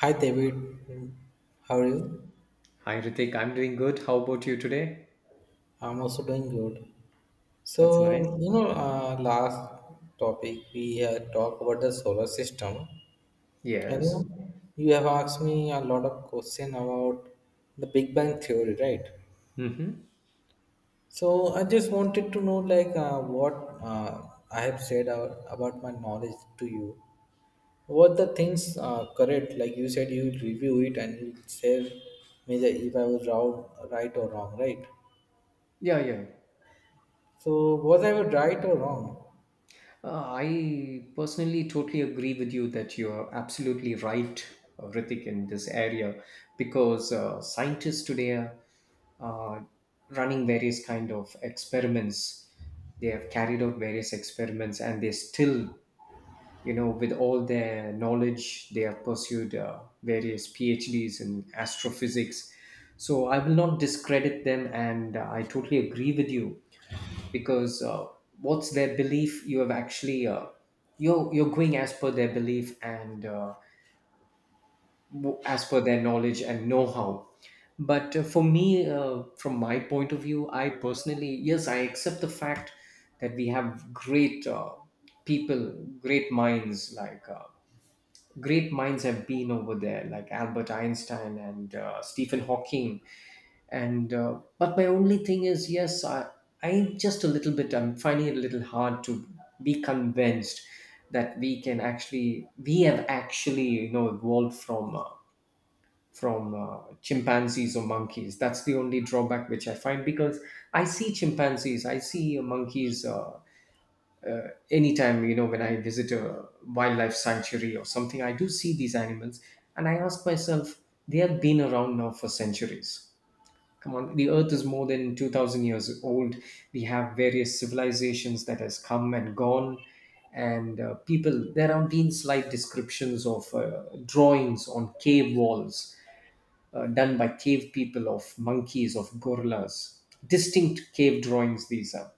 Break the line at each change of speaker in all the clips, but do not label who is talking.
Hi David, how are you?
Hi Ritik, I'm doing good. How about you today?
I'm also doing good.
That's nice.
So, last topic we had talked about the solar system. I
Yes.
know you have asked me a lot of question about the Big Bang theory, right?
Mm-hmm.
So I just wanted to know, like, what I have said about my knowledge to you. What the things correct? Like you said, you will review it and you will say me that if I was wrong, right or wrong, right?
Yeah, yeah.
So was I right or wrong?
I personally totally agree with you that you are absolutely right, Ritik, in this area because scientists today are running various kind of experiments. They have carried out various experiments, and they still, with all their knowledge, they have pursued various PhDs in astrophysics. So I will not discredit them, and I totally agree with you because what's their belief? You have actually you're going as per their belief, and as per their knowledge and know-how. But for me, from my point of view, I personally, yes, I accept the fact that we have great people, great minds like. Great minds have been over there, like Albert Einstein and Stephen Hawking. And but my only thing is, I I'm just a little bit. I'm finding it a little hard to be convinced that we have actually evolved from chimpanzees or monkeys. That's the only drawback which I find because I see chimpanzees, I see monkeys anytime, when I visit a wildlife sanctuary or something. I do see these animals, and I ask myself, they have been around now for centuries. Come on, the earth is more than 2,000 years old. We have various civilizations that has come and gone, and people there have been slight descriptions of drawings on cave walls done by cave people, of monkeys, of gorillas. Distinct cave drawings these are.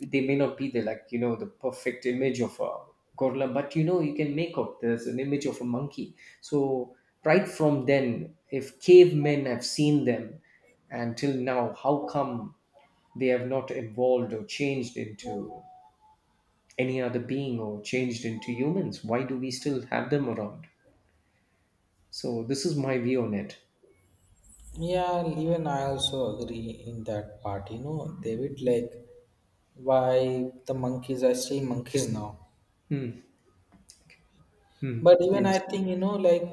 They may not be the, the perfect image of a gorilla, but you know, you can make out there's an image of a monkey. So right from then, if cavemen have seen them, until now, how come they have not evolved or changed into any other being or changed into humans? Why do we still have them around? So this is my view on it.
Yeah, even I also agree in that part. You know, David, like, why the monkeys are still monkeys now.
Hmm. Hmm.
But even I
Yes.
think, you know, like,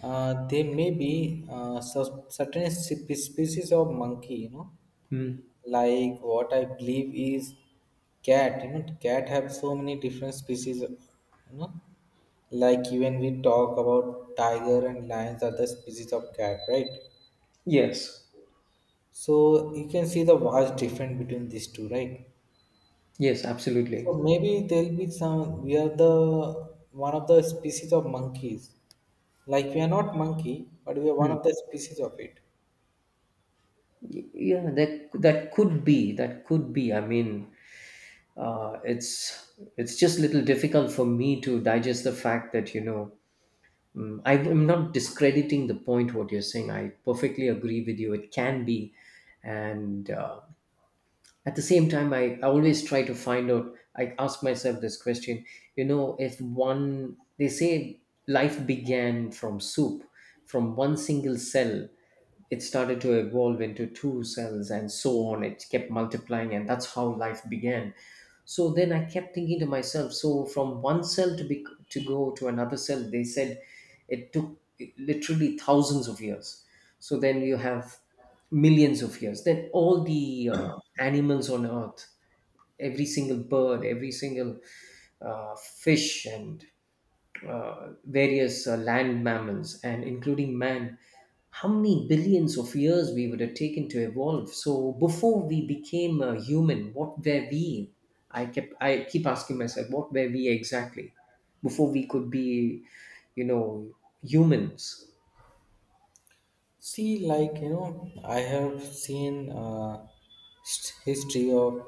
there may be certain species of monkey. You know,
Hmm.
like, what I believe is cat. You know, cat have so many different species. You know, like, even we talk about tiger and lions are the species of cat, right?
Yes.
So you can see the vast difference between these two, right?
Yes,
So
absolutely.
maybe there'll be some. We are the one of the species of monkeys. Like, we are not monkey, but we are one
Hmm.
of the species of it.
Yeah, that could be, I mean, uh, it's it's just a little difficult for me to digest the fact that, you know, I'm not discrediting the point what you're saying. I perfectly agree with you, it can be. And at the same time, I always try to find out, I ask myself this question, you know, if one, they say, life began from soup. From one single cell, it started to evolve into two cells, and so on, it kept multiplying, and that's how life began. So then I kept thinking to myself, so from one cell to be, to go to another cell, they said it took literally thousands of years. So then you have millions of years. Then all the animals on Earth, every single bird, every single fish, and various land mammals, and including man, how many billions of years we would have taken to evolve? So before we became a human, what were we? I keep asking myself, what were we exactly before we could be, you know, humans?
See, like, you know, I have seen history of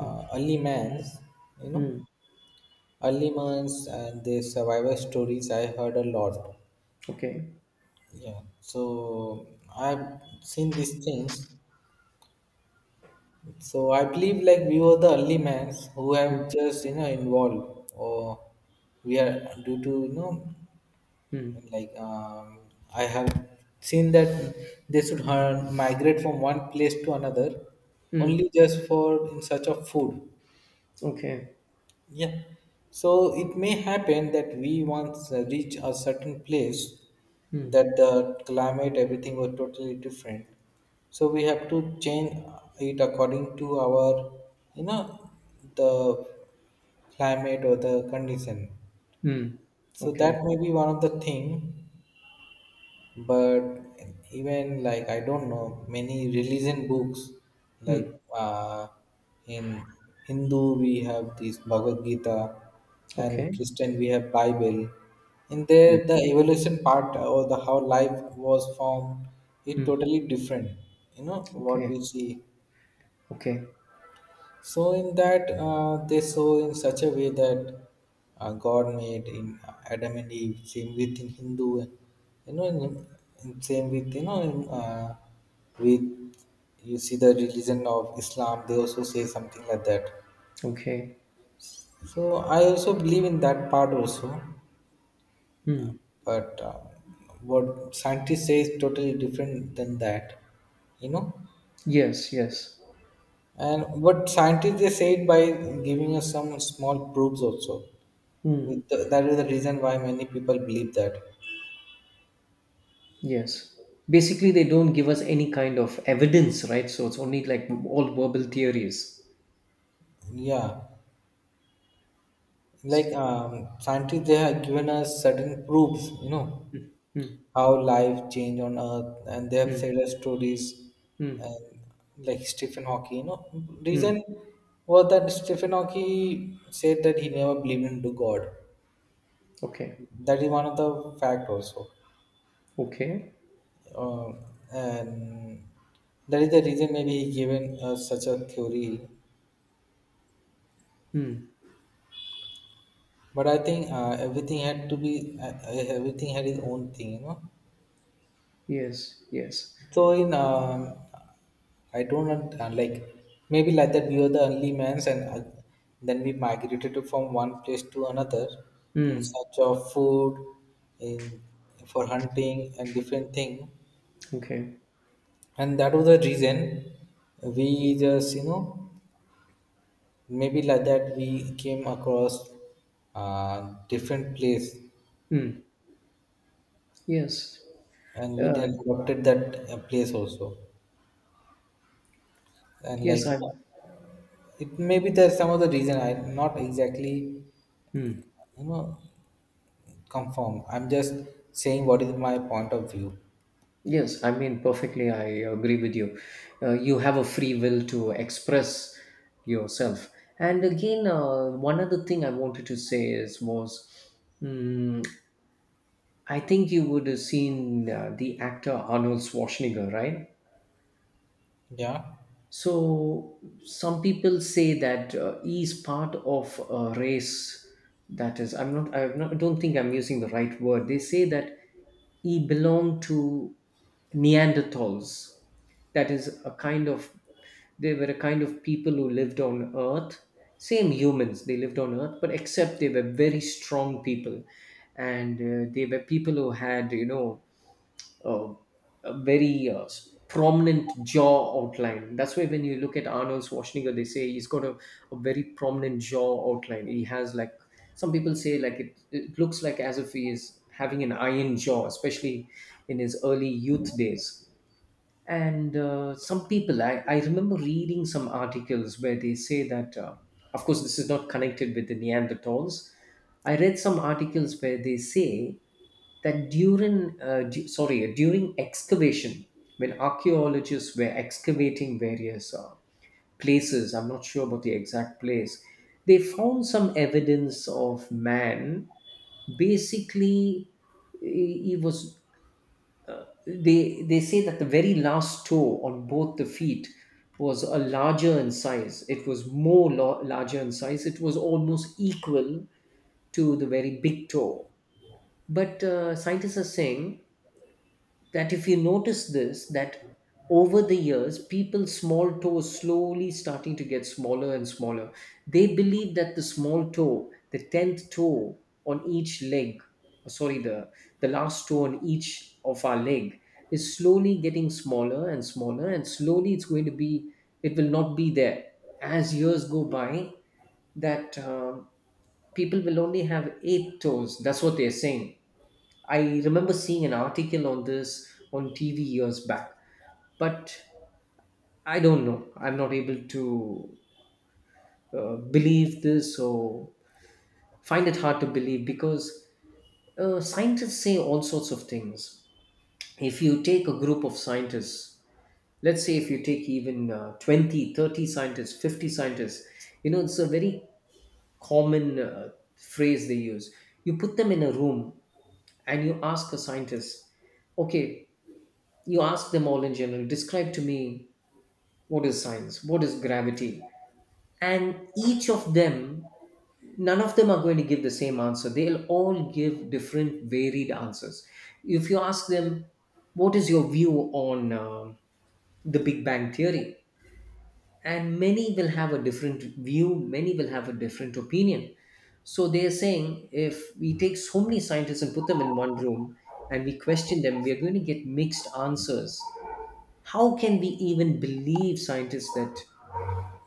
Mm,
early man's. You know,
mm,
early man's and their survivor stories. I heard a lot.
okay.
Yeah. So I've seen these things. So I believe, like, we were the only men who
Mm,
have just, you know, involved, or we are due to, you know,
mm,
like, I have seen that they should migrate from one place to another only
mm,
just for in search of food.
okay.
Yeah. So it may happen that we once reach a certain place
Mm,
that the climate, everything was totally different. So we have to change it according to our, you know, the climate or the condition.
mm,
So
okay.
that may be one of the thing. But even, like, I don't know, many religion books, like,
Mm,
uh, in Hindu we have this Bhagavad Gita, and in
okay.
Christian we have Bible. In there
Yeah.
the evolution part or the how life was formed is
Mm,
totally different, you know, what we
okay.
see.
Okay.
So in that, they saw in such a way that God made in Adam and Eve. Same with in Hindu, you know, in same with, you know, in, with you see the religion of Islam, they also say something like that.
Okay.
So I also believe in that part also,
Mm.
but, what scientists say is totally different than that, you know.
Yes, yes.
And what scientists they say it by giving us some small proofs also.
Mm,
That is the reason why many people believe that.
yes. Basically, they don't give us any kind of evidence, right? So it's only like all verbal theories.
Yeah, like,
It's-
scientists they have given us certain proofs, you know,
Mm,
how life changed on Earth, and they have
mm,
said us stories.
mm,
And like Stephen Hawking, you know, reason
mm.
was that Stephen Hawking said that he never believed into God.
Okay,
That is one of the fact also.
okay.
uh, and that is the reason maybe he given us such a theory.
Mm,
But I think, everything had its own thing, you know.
yes, yes.
So in, I don't want- like, maybe like that we were the only mans, and, then we migrated from one place to another in
Mm,
search of food, in for hunting and different thing,
okay.
and that was the reason we just, you know, maybe like that we came across uh, different place,
Mm, yes.
and we
Uh,
then adopted that place also. And, like,
yes,
you know,
I'm.
it may be there's some other reason. I'm not exactly,
Mm.
you know, confirm. I'm just saying what is my point of view.
Yes, I mean, perfectly, I agree with you. You have a free will to express yourself. And again, one other thing I wanted to say is was, mm, I think you would have seen the actor Arnold Schwarzenegger, right?
Yeah,
So some people say that E is part of a race. I'm not. I don't think I'm using the right word. They say that E belonged to Neanderthals. That is a kind of. They were a kind of people who lived on Earth. Same humans. They lived on Earth, but except they were very strong people, and they were people who had, uh, a very prominent jaw outline. That's why when you look at Arnold Schwarzenegger, they say he's got a very prominent jaw outline. He has like, some people say, like it looks like as if he is having an iron jaw, especially in his early youth days. And some people, I remember reading some articles where they say that of course this is not connected with the Neanderthals. I read some articles where they say that during du- sorry during excavation, when archaeologists were excavating various places, I'm not sure about the exact place, they found some evidence of man. Basically, he was, they say that the very last toe on both the feet was a larger in size. It was more lo- larger in size. It was almost equal to the very big toe. But scientists are saying that if you notice this, that over the years, people's small toe is slowly starting to get smaller and smaller. They believe that the small toe, the 10th toe on each leg, or sorry, the last toe on each of our leg, is slowly getting smaller and smaller, and slowly it's going to be, it will not be there as years go by, that people will only have eight toes. That's what they're saying. I remember seeing an article on this on TV years back. But I don't know, I'm not able to believe this, or find it hard to believe, because scientists say all sorts of things. If you take a group of scientists, let's say if you take even 20, 30 scientists, 50 scientists, you know, it's a very common phrase they use. You put them in a room, and you ask a scientist, okay, you ask them all in general, describe to me, what is science, what is gravity? And each of them, none of them are going to give the same answer. They'll all give different varied answers. If you ask them, what is your view on the Big Bang theory? And many will have a different view, many will have a different opinion. So they're saying, if we take so many scientists and put them in one room, and we question them, we are going to get mixed answers. How can we even believe scientists that,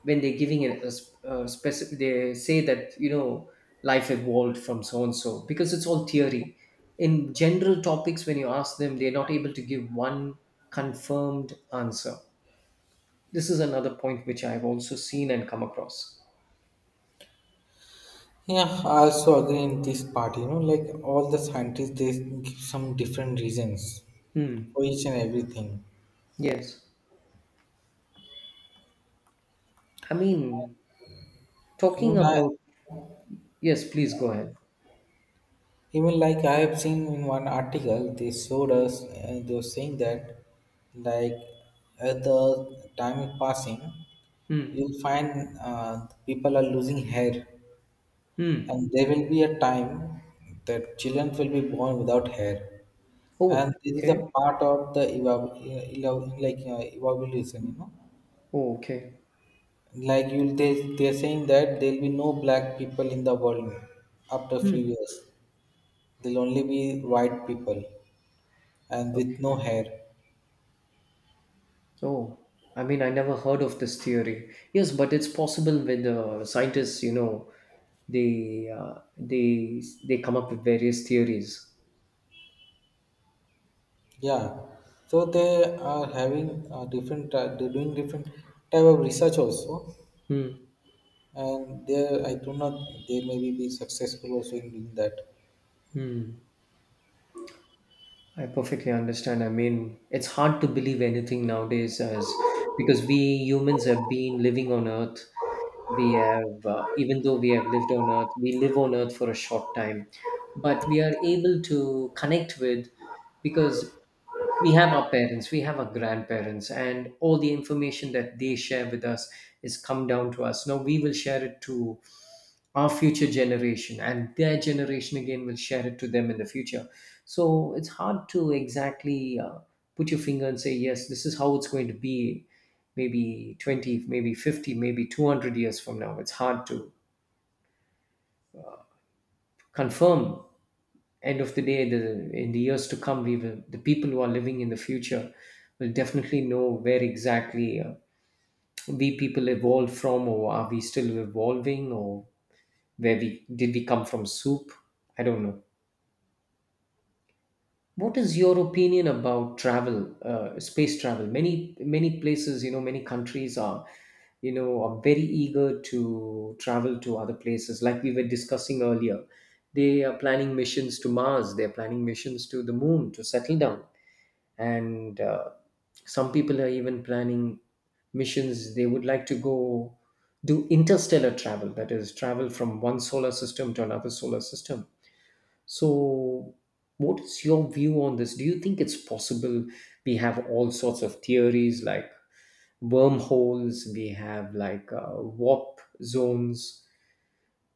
when they're giving a specific, they say that, you know, life evolved from so and so, because it's all theory. In general topics, when you ask them, they're not able to give one confirmed answer. This is another point which I've also seen and come across.
yeah, I also agree in this part. You know, like, all the scientists they give some different reasons
Hmm.
for each and everything.
Yes. i mean talking
even i
about yes, please go ahead.
Even, like, I have seen in one article they showed us, and they were saying that, like, at the time is passing,
Hmm.
you'll find, people are losing hair.
Hmm.
And there will be a time that children will be born without hair. And
Oh,
this is a
okay.
part of the evolution, you know.
Oh, okay.
Like you, they're saying that there'll be no black people in the world after a few
Hmm.
years. There'll only be white people, and with no
Okay.
hair.
Oh, I mean, I never heard of this theory. Yes, but it's possible, with the scientists, you know, they come up with various theories.
Yeah, so they are having, different. They're doing different type of research also,
Hmm.
and there I do not. They may be successful also in doing that.
Hmm. I perfectly understand. I mean, it's hard to believe anything nowadays, as, because we humans have been living on Earth. We have Even though we have lived on earth, we live on earth for a short time, but we are able to connect with, because we have our parents, we have our grandparents, and all the information that they share with us is come down to us. Now we will share it to our future generation, and their generation again will share it to them in the future. So it's hard to exactly put your finger and say yes, this is how it's going to be. Maybe 20, maybe 50, maybe 200 years from now, it's hard to confirm. End of the day, the in the years to come, we will the people who are living in the future will definitely know where exactly we people evolved from, or are we still evolving, or where we did we come from soup? I don't know. What is your opinion about travel, space travel? Many places, you know, many countries are, very eager to travel to other places. Like we were discussing earlier, they are planning missions to Mars. They are planning missions to the Moon to settle down, and some people are even planning missions. They would like to go do interstellar travel, that is, travel from one solar system to another solar system. So, what is your view on this? Do you think it's possible? We have all sorts of theories like wormholes, we have like warp zones,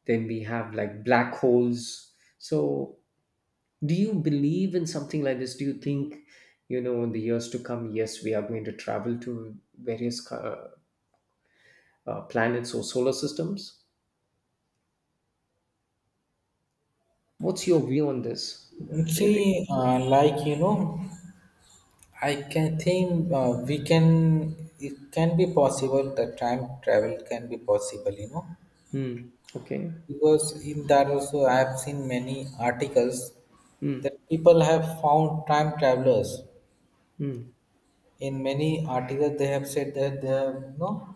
then we have like black holes. So, do you believe in something like this? Do you think, in the years to come, yes, we are going to travel to various planets or solar systems? What's your view on this? Everything.
See, like, you know, I can think, we can. It can be possible. The time travel can be possible. You know,
Hmm. Okay.
because in that also I have seen many articles
Hmm.
that people have found time travelers.
Hmm.
In many articles, they have said that they have, you know,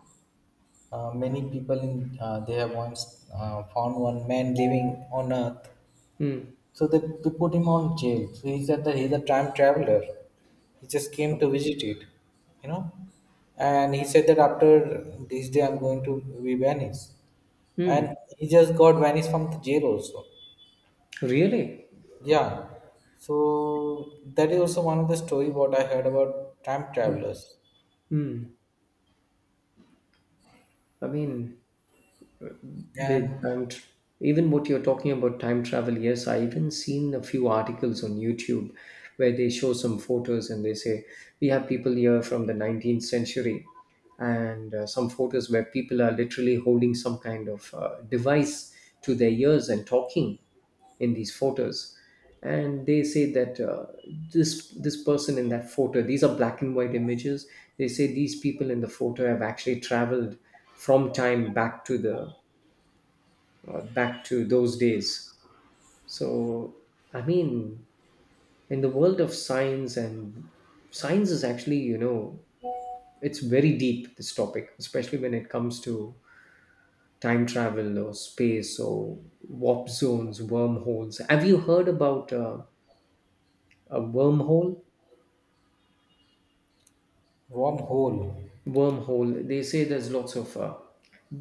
many people in, they have once found one man living on Earth.
Hmm.
So they put him on jail. So he's at the he's a time traveler. He just came to visit it, you know. And he said that after this day I'm going to be vanished.
Hmm.
And he just got vanished from the jail also.
Really?
Yeah. So that is also one of the story what I heard about time travelers.
Hmm. I mean, With
And
time, tr- Even what you're talking about time travel, yes, I even seen a few articles on YouTube where they show some photos, and they say we have people here from the 19th century, and some photos where people are literally holding some kind of device to their ears and talking in these photos. And they say that this person in that photo, these are black and white images, they say these people in the photo have actually traveled from time back to the back to those days. So, I mean, in the world of science, and science is actually, you know, it's very deep, this topic, especially when it comes to time travel or space or warp zones, wormholes. Have you heard about a wormhole?
wormhole.
Wormhole, they say there's lots of.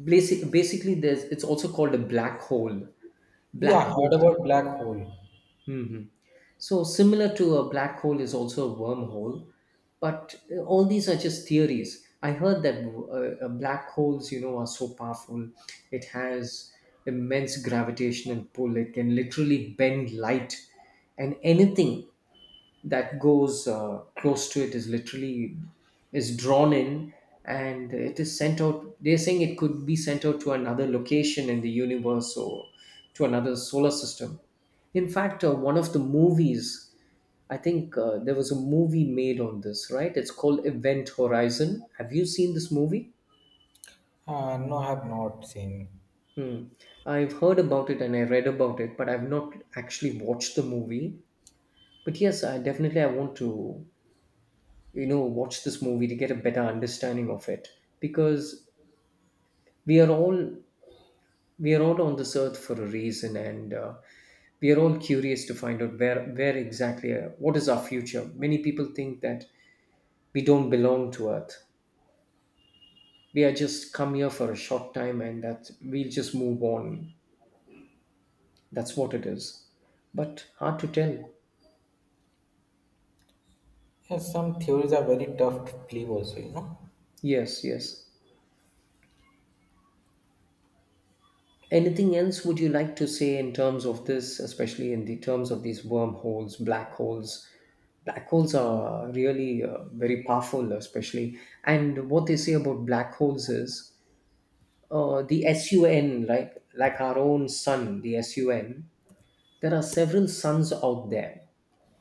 Basically, there's it's also called a black hole.
Yeah,
Black
I heard
holes.
about black hole.
Mhm. So, similar to a black hole is also a wormhole, but all these are just theories. I heard that black holes, you know, are so powerful. It has immense gravitational pull. It can literally bend light, and anything that goes close to it is literally is drawn in, and it is sent out. They're saying it could be sent out to another location in the universe or to another solar system. In fact, one of the movies, I think there was a movie made on this, right? It's called Event Horizon. Have you seen this movie?
No, I have not seen.
Hmm. I've heard about it and I read about it, but I've not actually watched the movie. But yes, I definitely I want to, you know, watch this movie to get a better understanding of it, because we are all we are all on this earth for a reason, and we are all curious to find out where exactly what is our future. Many people think that we don't belong to earth, we are just come here for a short time and that we'll just move on. That's what it is, but hard to tell.
Yes, some theories are very tough to believe also, you know.
Yes, yes, anything else would you like to say in terms of this, especially in the terms of these wormholes, black holes? Black holes are really very powerful, especially, and what they say about black holes is the sun like our own sun, the sun, there are several suns out there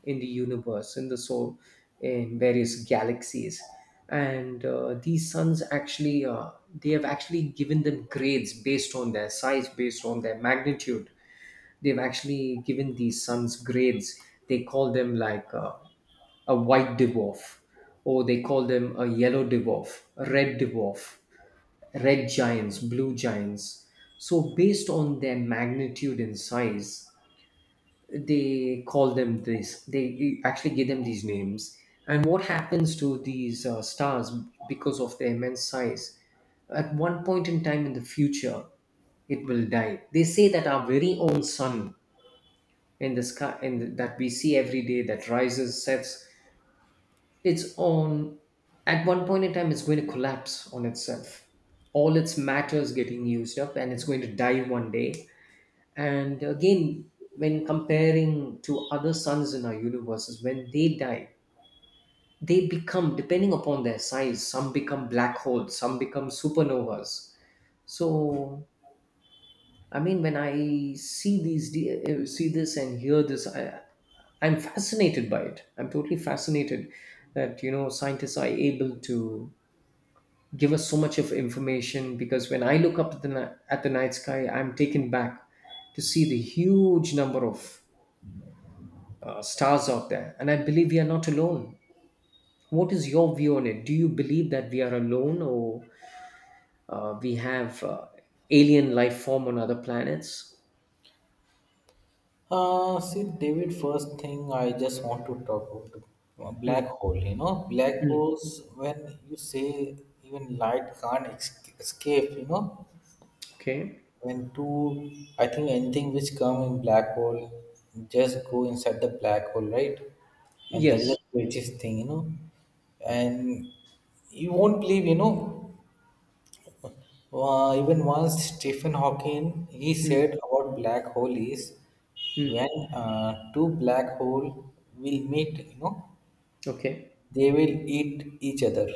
in the universe, in the soul, in various galaxies. And these suns actually, they have actually given them grades based on their size, based on their magnitude. They've actually given these suns grades. They call them like a white dwarf, or they call them a yellow dwarf, a red dwarf, red giants, blue giants. So, based on their magnitude and size, they call them this they actually give them these names. And what happens to these stars, because of their immense size, at one point in time in the future it will die. They say that our very own sun in the sky in that we see every day, that rises, sets its own, at one point in time it's going to collapse on itself. All its matter is getting used up and it's going to die one day. And again, when comparing to other suns in our universes, when they die, they become, depending upon their size, some become black holes, some become supernovas. So, when I see these, see this and hear this, I'm fascinated by it. I'm totally fascinated that, you know, scientists are able to give us so much of information, because when I look up at the at the night sky, I'm taken back to see the huge number of stars out there. And I believe we are not alone. What is your view on it? Do you believe that we are alone, or we have alien life form on other planets?
See, David, first thing I just want to talk about black
Mm,
hole. You know, black
mm,
holes, when you say even light can't escape, you know,
okay.
when two, I think anything which come in black hole just go inside the black hole, right? And that is the
Yes.
craziest thing, you know. And you won't believe, you know, even once Stephen Hawking he said
Mm,
about black hole is,
mm,
when two black hole will meet, you know,
okay.
they will eat each other.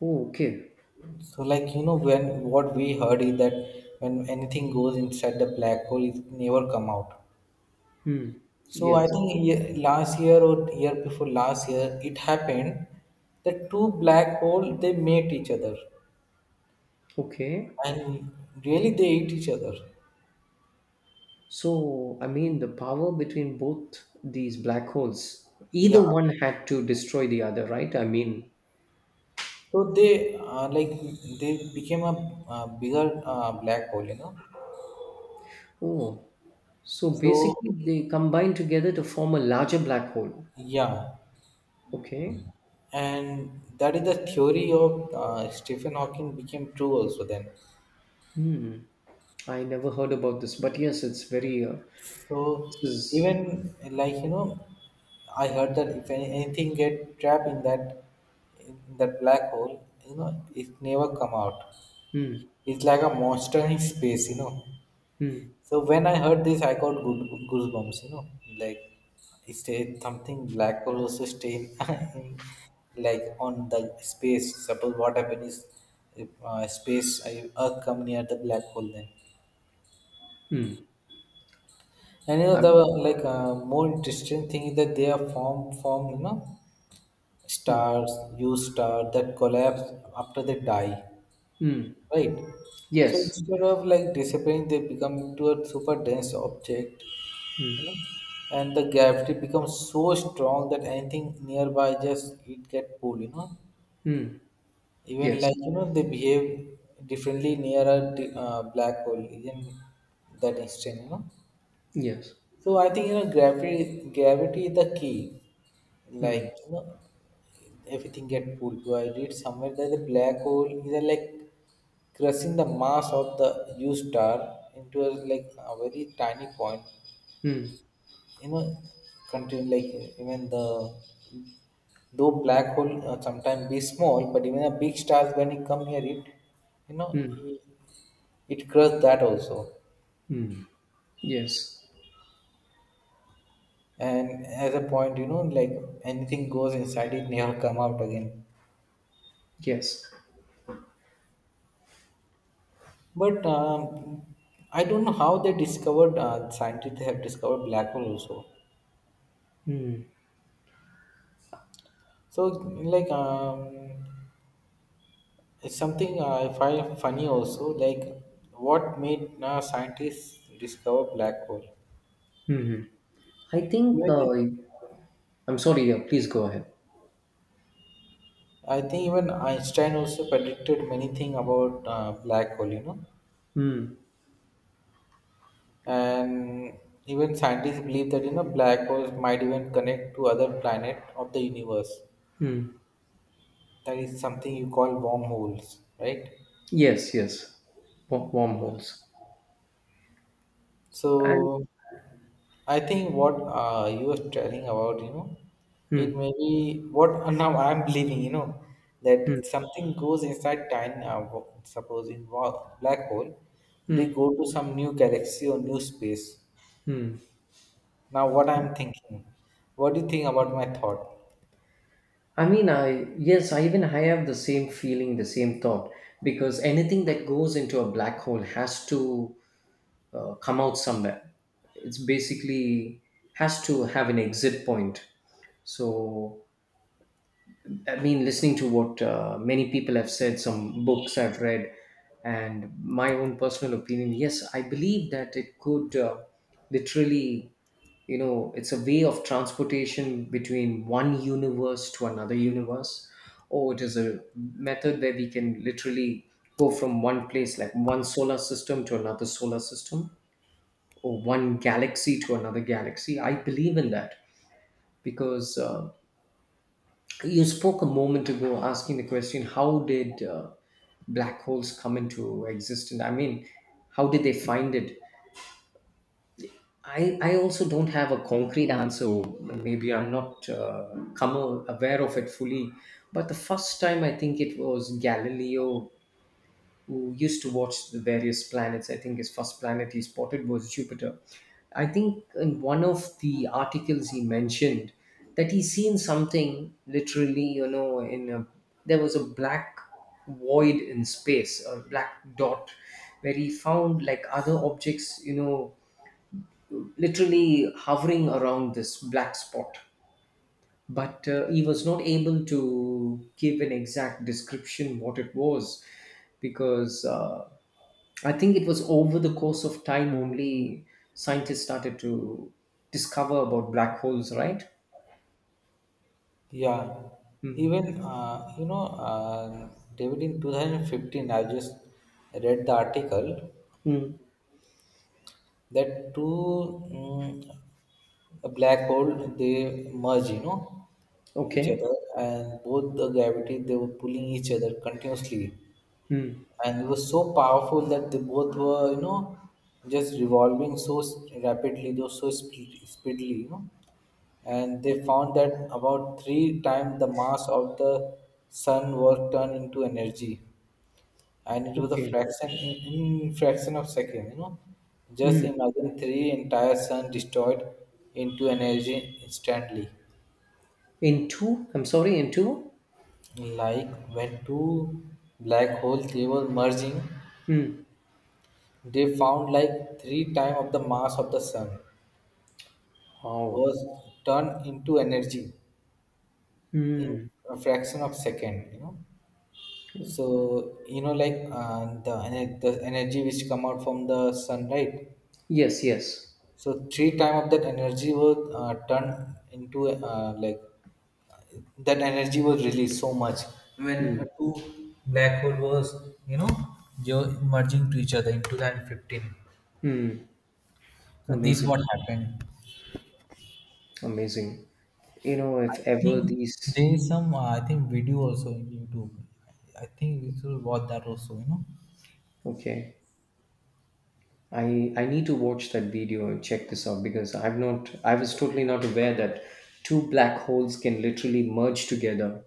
Oh, okay.
So, like, you know, when what we heard is that when anything goes inside the black hole, it never come out.
Hmm.
So I
Yes.
think, last year or year before last year, it happened that two black hole they met each other,
Okay.
and really they ate each other.
So, I mean, the power between both these black holes,
Yeah.
either one had to destroy the other, right? I mean,
So they, like, they became a, bigger, black hole, you know.
oh, so
So
basically they combine together to form a larger black hole.
yeah,
Okay.
and that is the theory of Stephen Hawking became true also then.
Hmm. I never heard about this, but yes, it's very.
So,
This is.
even, like, you know, I heard that if anything get trapped in that black hole, you know, it never come out.
Hmm.
It's like a monster in space, you know.
Hmm.
So when I heard this, I got good goosebumps. You know, like, it's a, something black hole also staying in, in, like, on the space. Suppose what happened is, if, space I, Earth come near the black hole then,
Hmm.
and, you know, the,
I'm.
like, more interesting thing is that they are form form you know,
Hmm.
stars, U star that collapse after they die,
Hmm.
right? So
Yes.
instead of like disappearing, they become into a super dense object,
Hmm.
you know, and the gravity becomes so strong that anything nearby just it get pulled, you know.
Hmm.
Even,
Yes.
like, you know, they behave differently near a, black hole in that instant, you know.
Yes.
So I think, you know, gravity is the key.
Hmm.
Like, you know, everything get pulled, so I read somewhere that the black hole is a, like, crushing the mass of the U star into a, like, a very tiny point,
Hmm.
you know. Continue like, even the though black hole sometimes be small, but even a big stars when it come near it, you know,
Hmm.
it, it crushes that also.
Hmm. Yes.
And as a point, you know, like, anything goes inside it never come out again.
Yes.
But, I don't know how they discovered, scientists have discovered black hole also.
Hmm.
So, like, it's something, I find funny also, like, what made, scientists discover black hole.
Hmm. Hmm. I think.
Even if-
I'm sorry. Yeah. Please go ahead.
I think even Einstein also predicted many things about, black hole, you know,
Hmm.
and even scientists believe that, you know, black holes might even connect to other planet of the universe.
Hmm.
That is something you call wormholes, right?
Yes. Yes. Wormholes. And.
So I think what, you were telling about, you know, it
Hmm.
may be what now I'm believing, you know,
Hmm.
that something goes inside time. Suppose in, black hole, they
Hmm.
go to some new galaxy or new space.
Hmm.
Now, what I'm thinking, what do you think about my thought?
I mean, I yes, I even I have the same feeling, the same thought, because anything that goes into a black hole has to come out somewhere. It's basically has to have an exit point. So, I mean, listening to what many people have said, some books I've read, and my own personal opinion, yes, I believe that it could literally you know, it's a way of transportation between one universe to another universe, or it is a method where we can literally go from one place, like one solar system to another solar system, or one galaxy to another galaxy. I believe in that, because you spoke a moment ago asking the question, how did black holes come into existence. I mean, how did they find it? I also don't have a concrete answer. Maybe I'm not aware of it fully. But the first time, I think it was Galileo, who used to watch the various planets. I think his first planet he spotted was Jupiter. I think in one of the articles he mentioned that he's seen something literally, you know, there was a black void in space, a black dot, where he found like other objects, you know, literally hovering around this black spot. But he was not able to give an exact description what it was, because I think it was over the course of time only scientists started to discover about black holes, right?
Yeah,
Mm.
even, you know, David, in 2015, I just read the article
Mm.
that two, a black hole they merge, you know, each
Okay.
other, and both the gravity they were pulling each other continuously,
Mm.
and it was so powerful that they both were, you know, just revolving so rapidly, though so speedily, you know, and they found that about three times the mass of the sun was turned into energy, and it was a
Okay.
fraction in, fraction of second, you know. Just
Mm.
imagine three entire sun destroyed into energy instantly,
In two? I'm sorry, in two?
like when two black holes they were merging,
Mm.
they found like three times of the mass of the sun
Oh.
was turned into energy in
Mm.
a fraction of second, you know. So, you know, like, the energy which come out from the sun, right?
Yes, yes.
So three time of that energy was, turned into, like, that energy was released so much when
Mm.
two black hole was, you know, merging to each other in 2015.
Mm.
So this
Amazing.
what happened.
Amazing. You know,
I
if ever
think
these,
there is some, I think video also on YouTube. I think we should watch that also. You know.
okay, I need to watch that video and check this out, because I was totally not aware that two black holes can literally merge together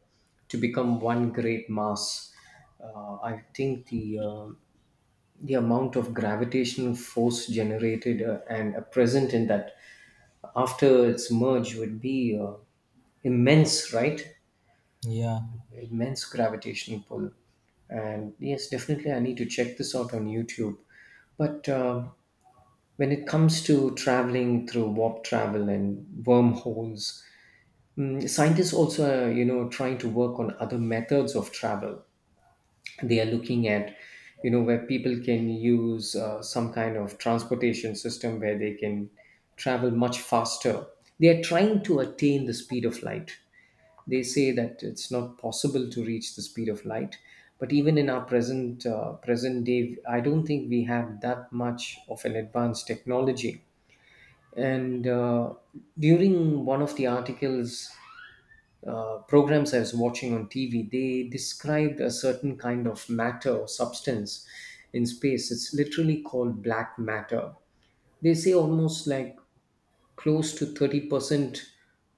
to become one great mass. I think the The amount of gravitational force generated and present in that after its merge would be immense, right?
Yeah.
Immense gravitational pull. And yes, definitely, I need to check this out on YouTube. But um, when it comes to traveling through warp travel and wormholes, mm, scientists also, trying to work on other methods of travel. They are looking at, you know, where people can use some kind of transportation system where they can travel much faster. They are trying to attain the speed of light. They say that it's not possible to reach the speed of light, but even in our present day, I don't think we have that much of an advanced technology. And during one of the articles, programs I was watching on TV, they described a certain kind of matter or substance in space. It's literally called black matter. They say almost like close to 30%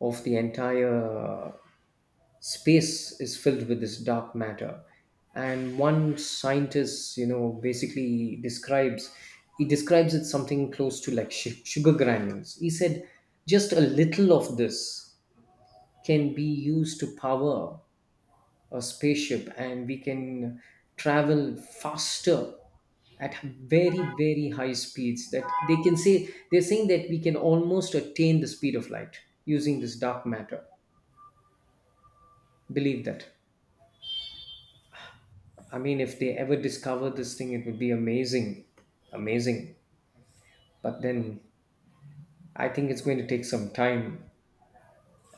of the entire space is filled with this dark matter. And one scientist, you know, basically describes, he describes it something close to like sugar granules. He said just a little of this can be used to power a spaceship, and we can travel faster at very, very high speeds, that they can say, they're saying that we can almost attain the speed of light using this dark matter. Believe that. I mean, if they ever discover this thing, it would be amazing, amazing. But then, I think it's going to take some time.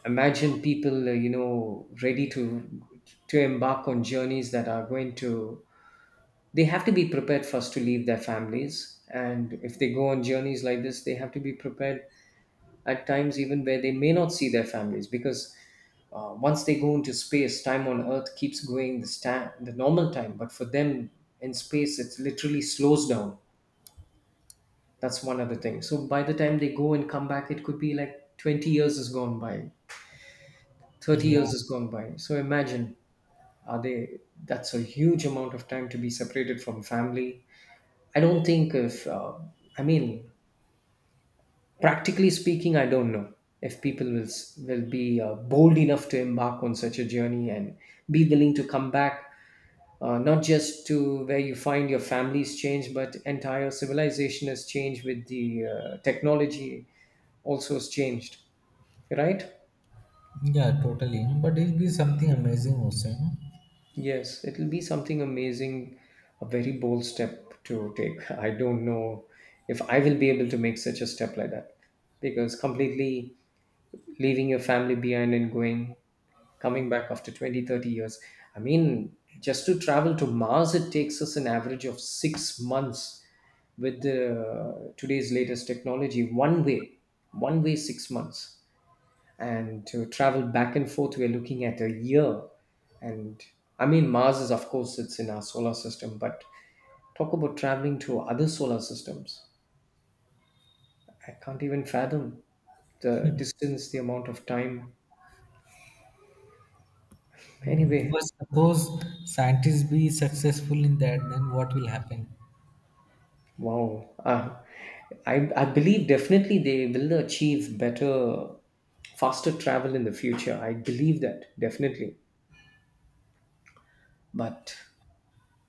Imagine people, ready to embark on journeys that are going to, they have to be prepared first to leave their families. And if they go on journeys like this, they have to be prepared at times even where they may not see their families, because once they go into space, time on earth keeps going, the the normal time, but for them in space it literally slows down. That's one other thing. So by the time they go and come back, it could be like 20 years has gone by, 30
Yeah.
years has gone by. So imagine, are they, that's a huge amount of time to be separated from family. I don't think if i mean practically speaking, I don't know if people will be bold enough to embark on such a journey and be willing to come back, not just to where you find your family's changed, but entire civilization has changed, with the technology also has changed, right?
Yeah. Totally. But it'll be something amazing also. You know?
Yes, it'll be something amazing, a very bold step to take. I don't know if I will be able to make such a step like that, because completely leaving your family behind and going, coming back after 20, 30 years. I mean, just to travel to mars, it takes us an average of 6 months with today's latest technology, one way. One way, 6 months. And to travel back and forth, we're looking at a year. And I mean, mars is, of course, it's in our solar system, but talk about traveling to other solar systems, I can't even fathom the distance, the amount of time. Anyway.
But suppose scientists be successful in that, then what will happen?
Wow. I believe definitely they will achieve better, faster travel in the future. I believe that definitely. But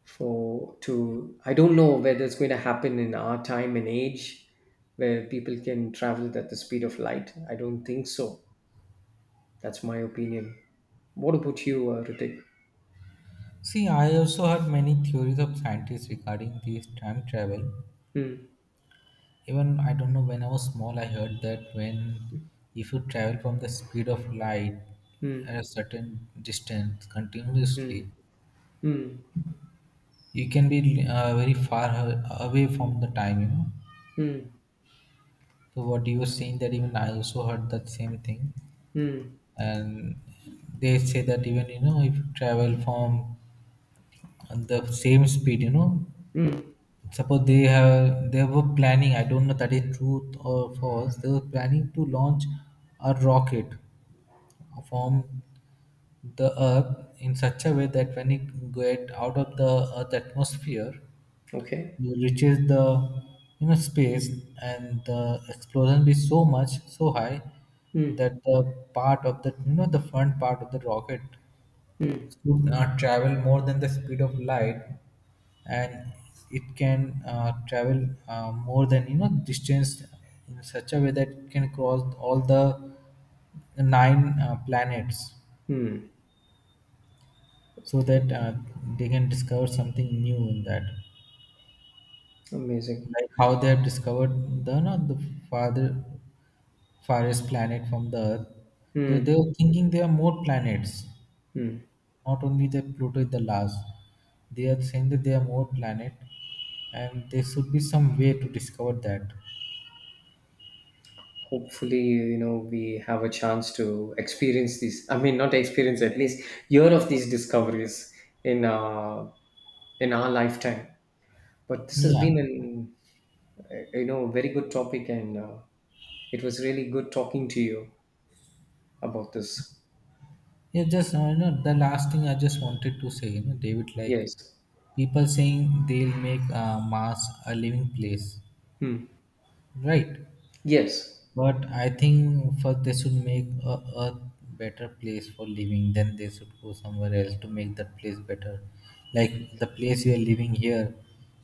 I don't know whether it's going to happen in our time and age where people can travel at the speed of light. I don't think so. That's my opinion. What about you, Ritik?
See, I also heard many theories of scientists regarding this time travel.
Hmm.
Even I don't know, when I was small, I heard that when, if you travel from the speed of light
Hmm.
at a certain distance
Hmm.
continuously,
Hmm.
you can be, very far away from the time. You know.
Hmm.
So what you were saying, that even I also heard that same thing.
Hmm.
And they say that, even, you know, if you travel from and the same speed, you know,
Hmm.
suppose they were planning, I don't know that is truth or false, they were planning to launch a rocket from the Earth in such a way that when it get out of the Earth atmosphere,
Okay.
it reaches the, you know, space, and the explosion be so much, so high,
Hmm.
that the part of the, you know, the front part of the rocket
Hmm.
could, travel more than the speed of light, and it can, travel, more than, you know, distance, in such a way that it can cross all the nine planets,
Hmm.
so that, they can discover something new in that,
Amazing.
like how they have discovered the, not the, farther, farthest planet from the Earth, though they
Hmm.
were thinking there are more planets.
Hmm.
Not only that, Pluto is the last. They are saying that there are more planet, and there should be some way to discover that.
Hopefully, you know, we have a chance to experience these, not experience, at least hear of these discoveries in uh in our lifetime. But this has
Yeah,
been an, you know, very good topic, and it was really good talking to you about this.
yeah. Just, you know, the last thing I just wanted to say, you know, David, like,
Yes.
people saying they'll make Mars a living place,
Hmm.
right?
Yes.
But I think first they should make a earth better place for living. Then they should go somewhere else to make that place better. Like the place we are living here,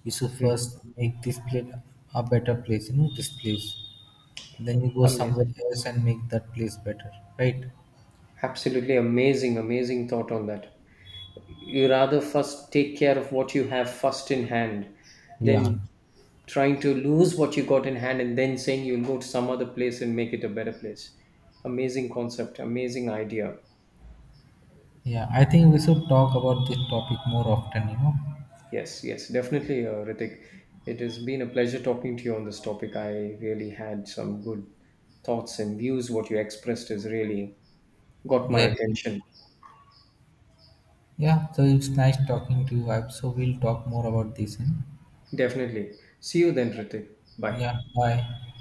you should
Hmm.
first make this place a better place. You know, this place. Then you go somewhere
Amazing,
else and make that place better, right?
absolutely amazing, amazing thought on that. You rather first take care of what you have first in hand,
Yeah.
then trying to lose what you got in hand and then saying you'll go to some other place and make it a better place. Amazing concept, amazing idea.
Yeah, I think we should talk about this topic more often. You know,
Yes, yes, definitely, Ritik. It has been a pleasure talking to you on this topic. I really had some good thoughts and views. What you expressed has really got my
yeah,
attention.
yeah. So it's nice talking to you. I So we'll talk more about this. Hmm?
Definitely. See you then, Ritik. Bye.
Yeah, bye.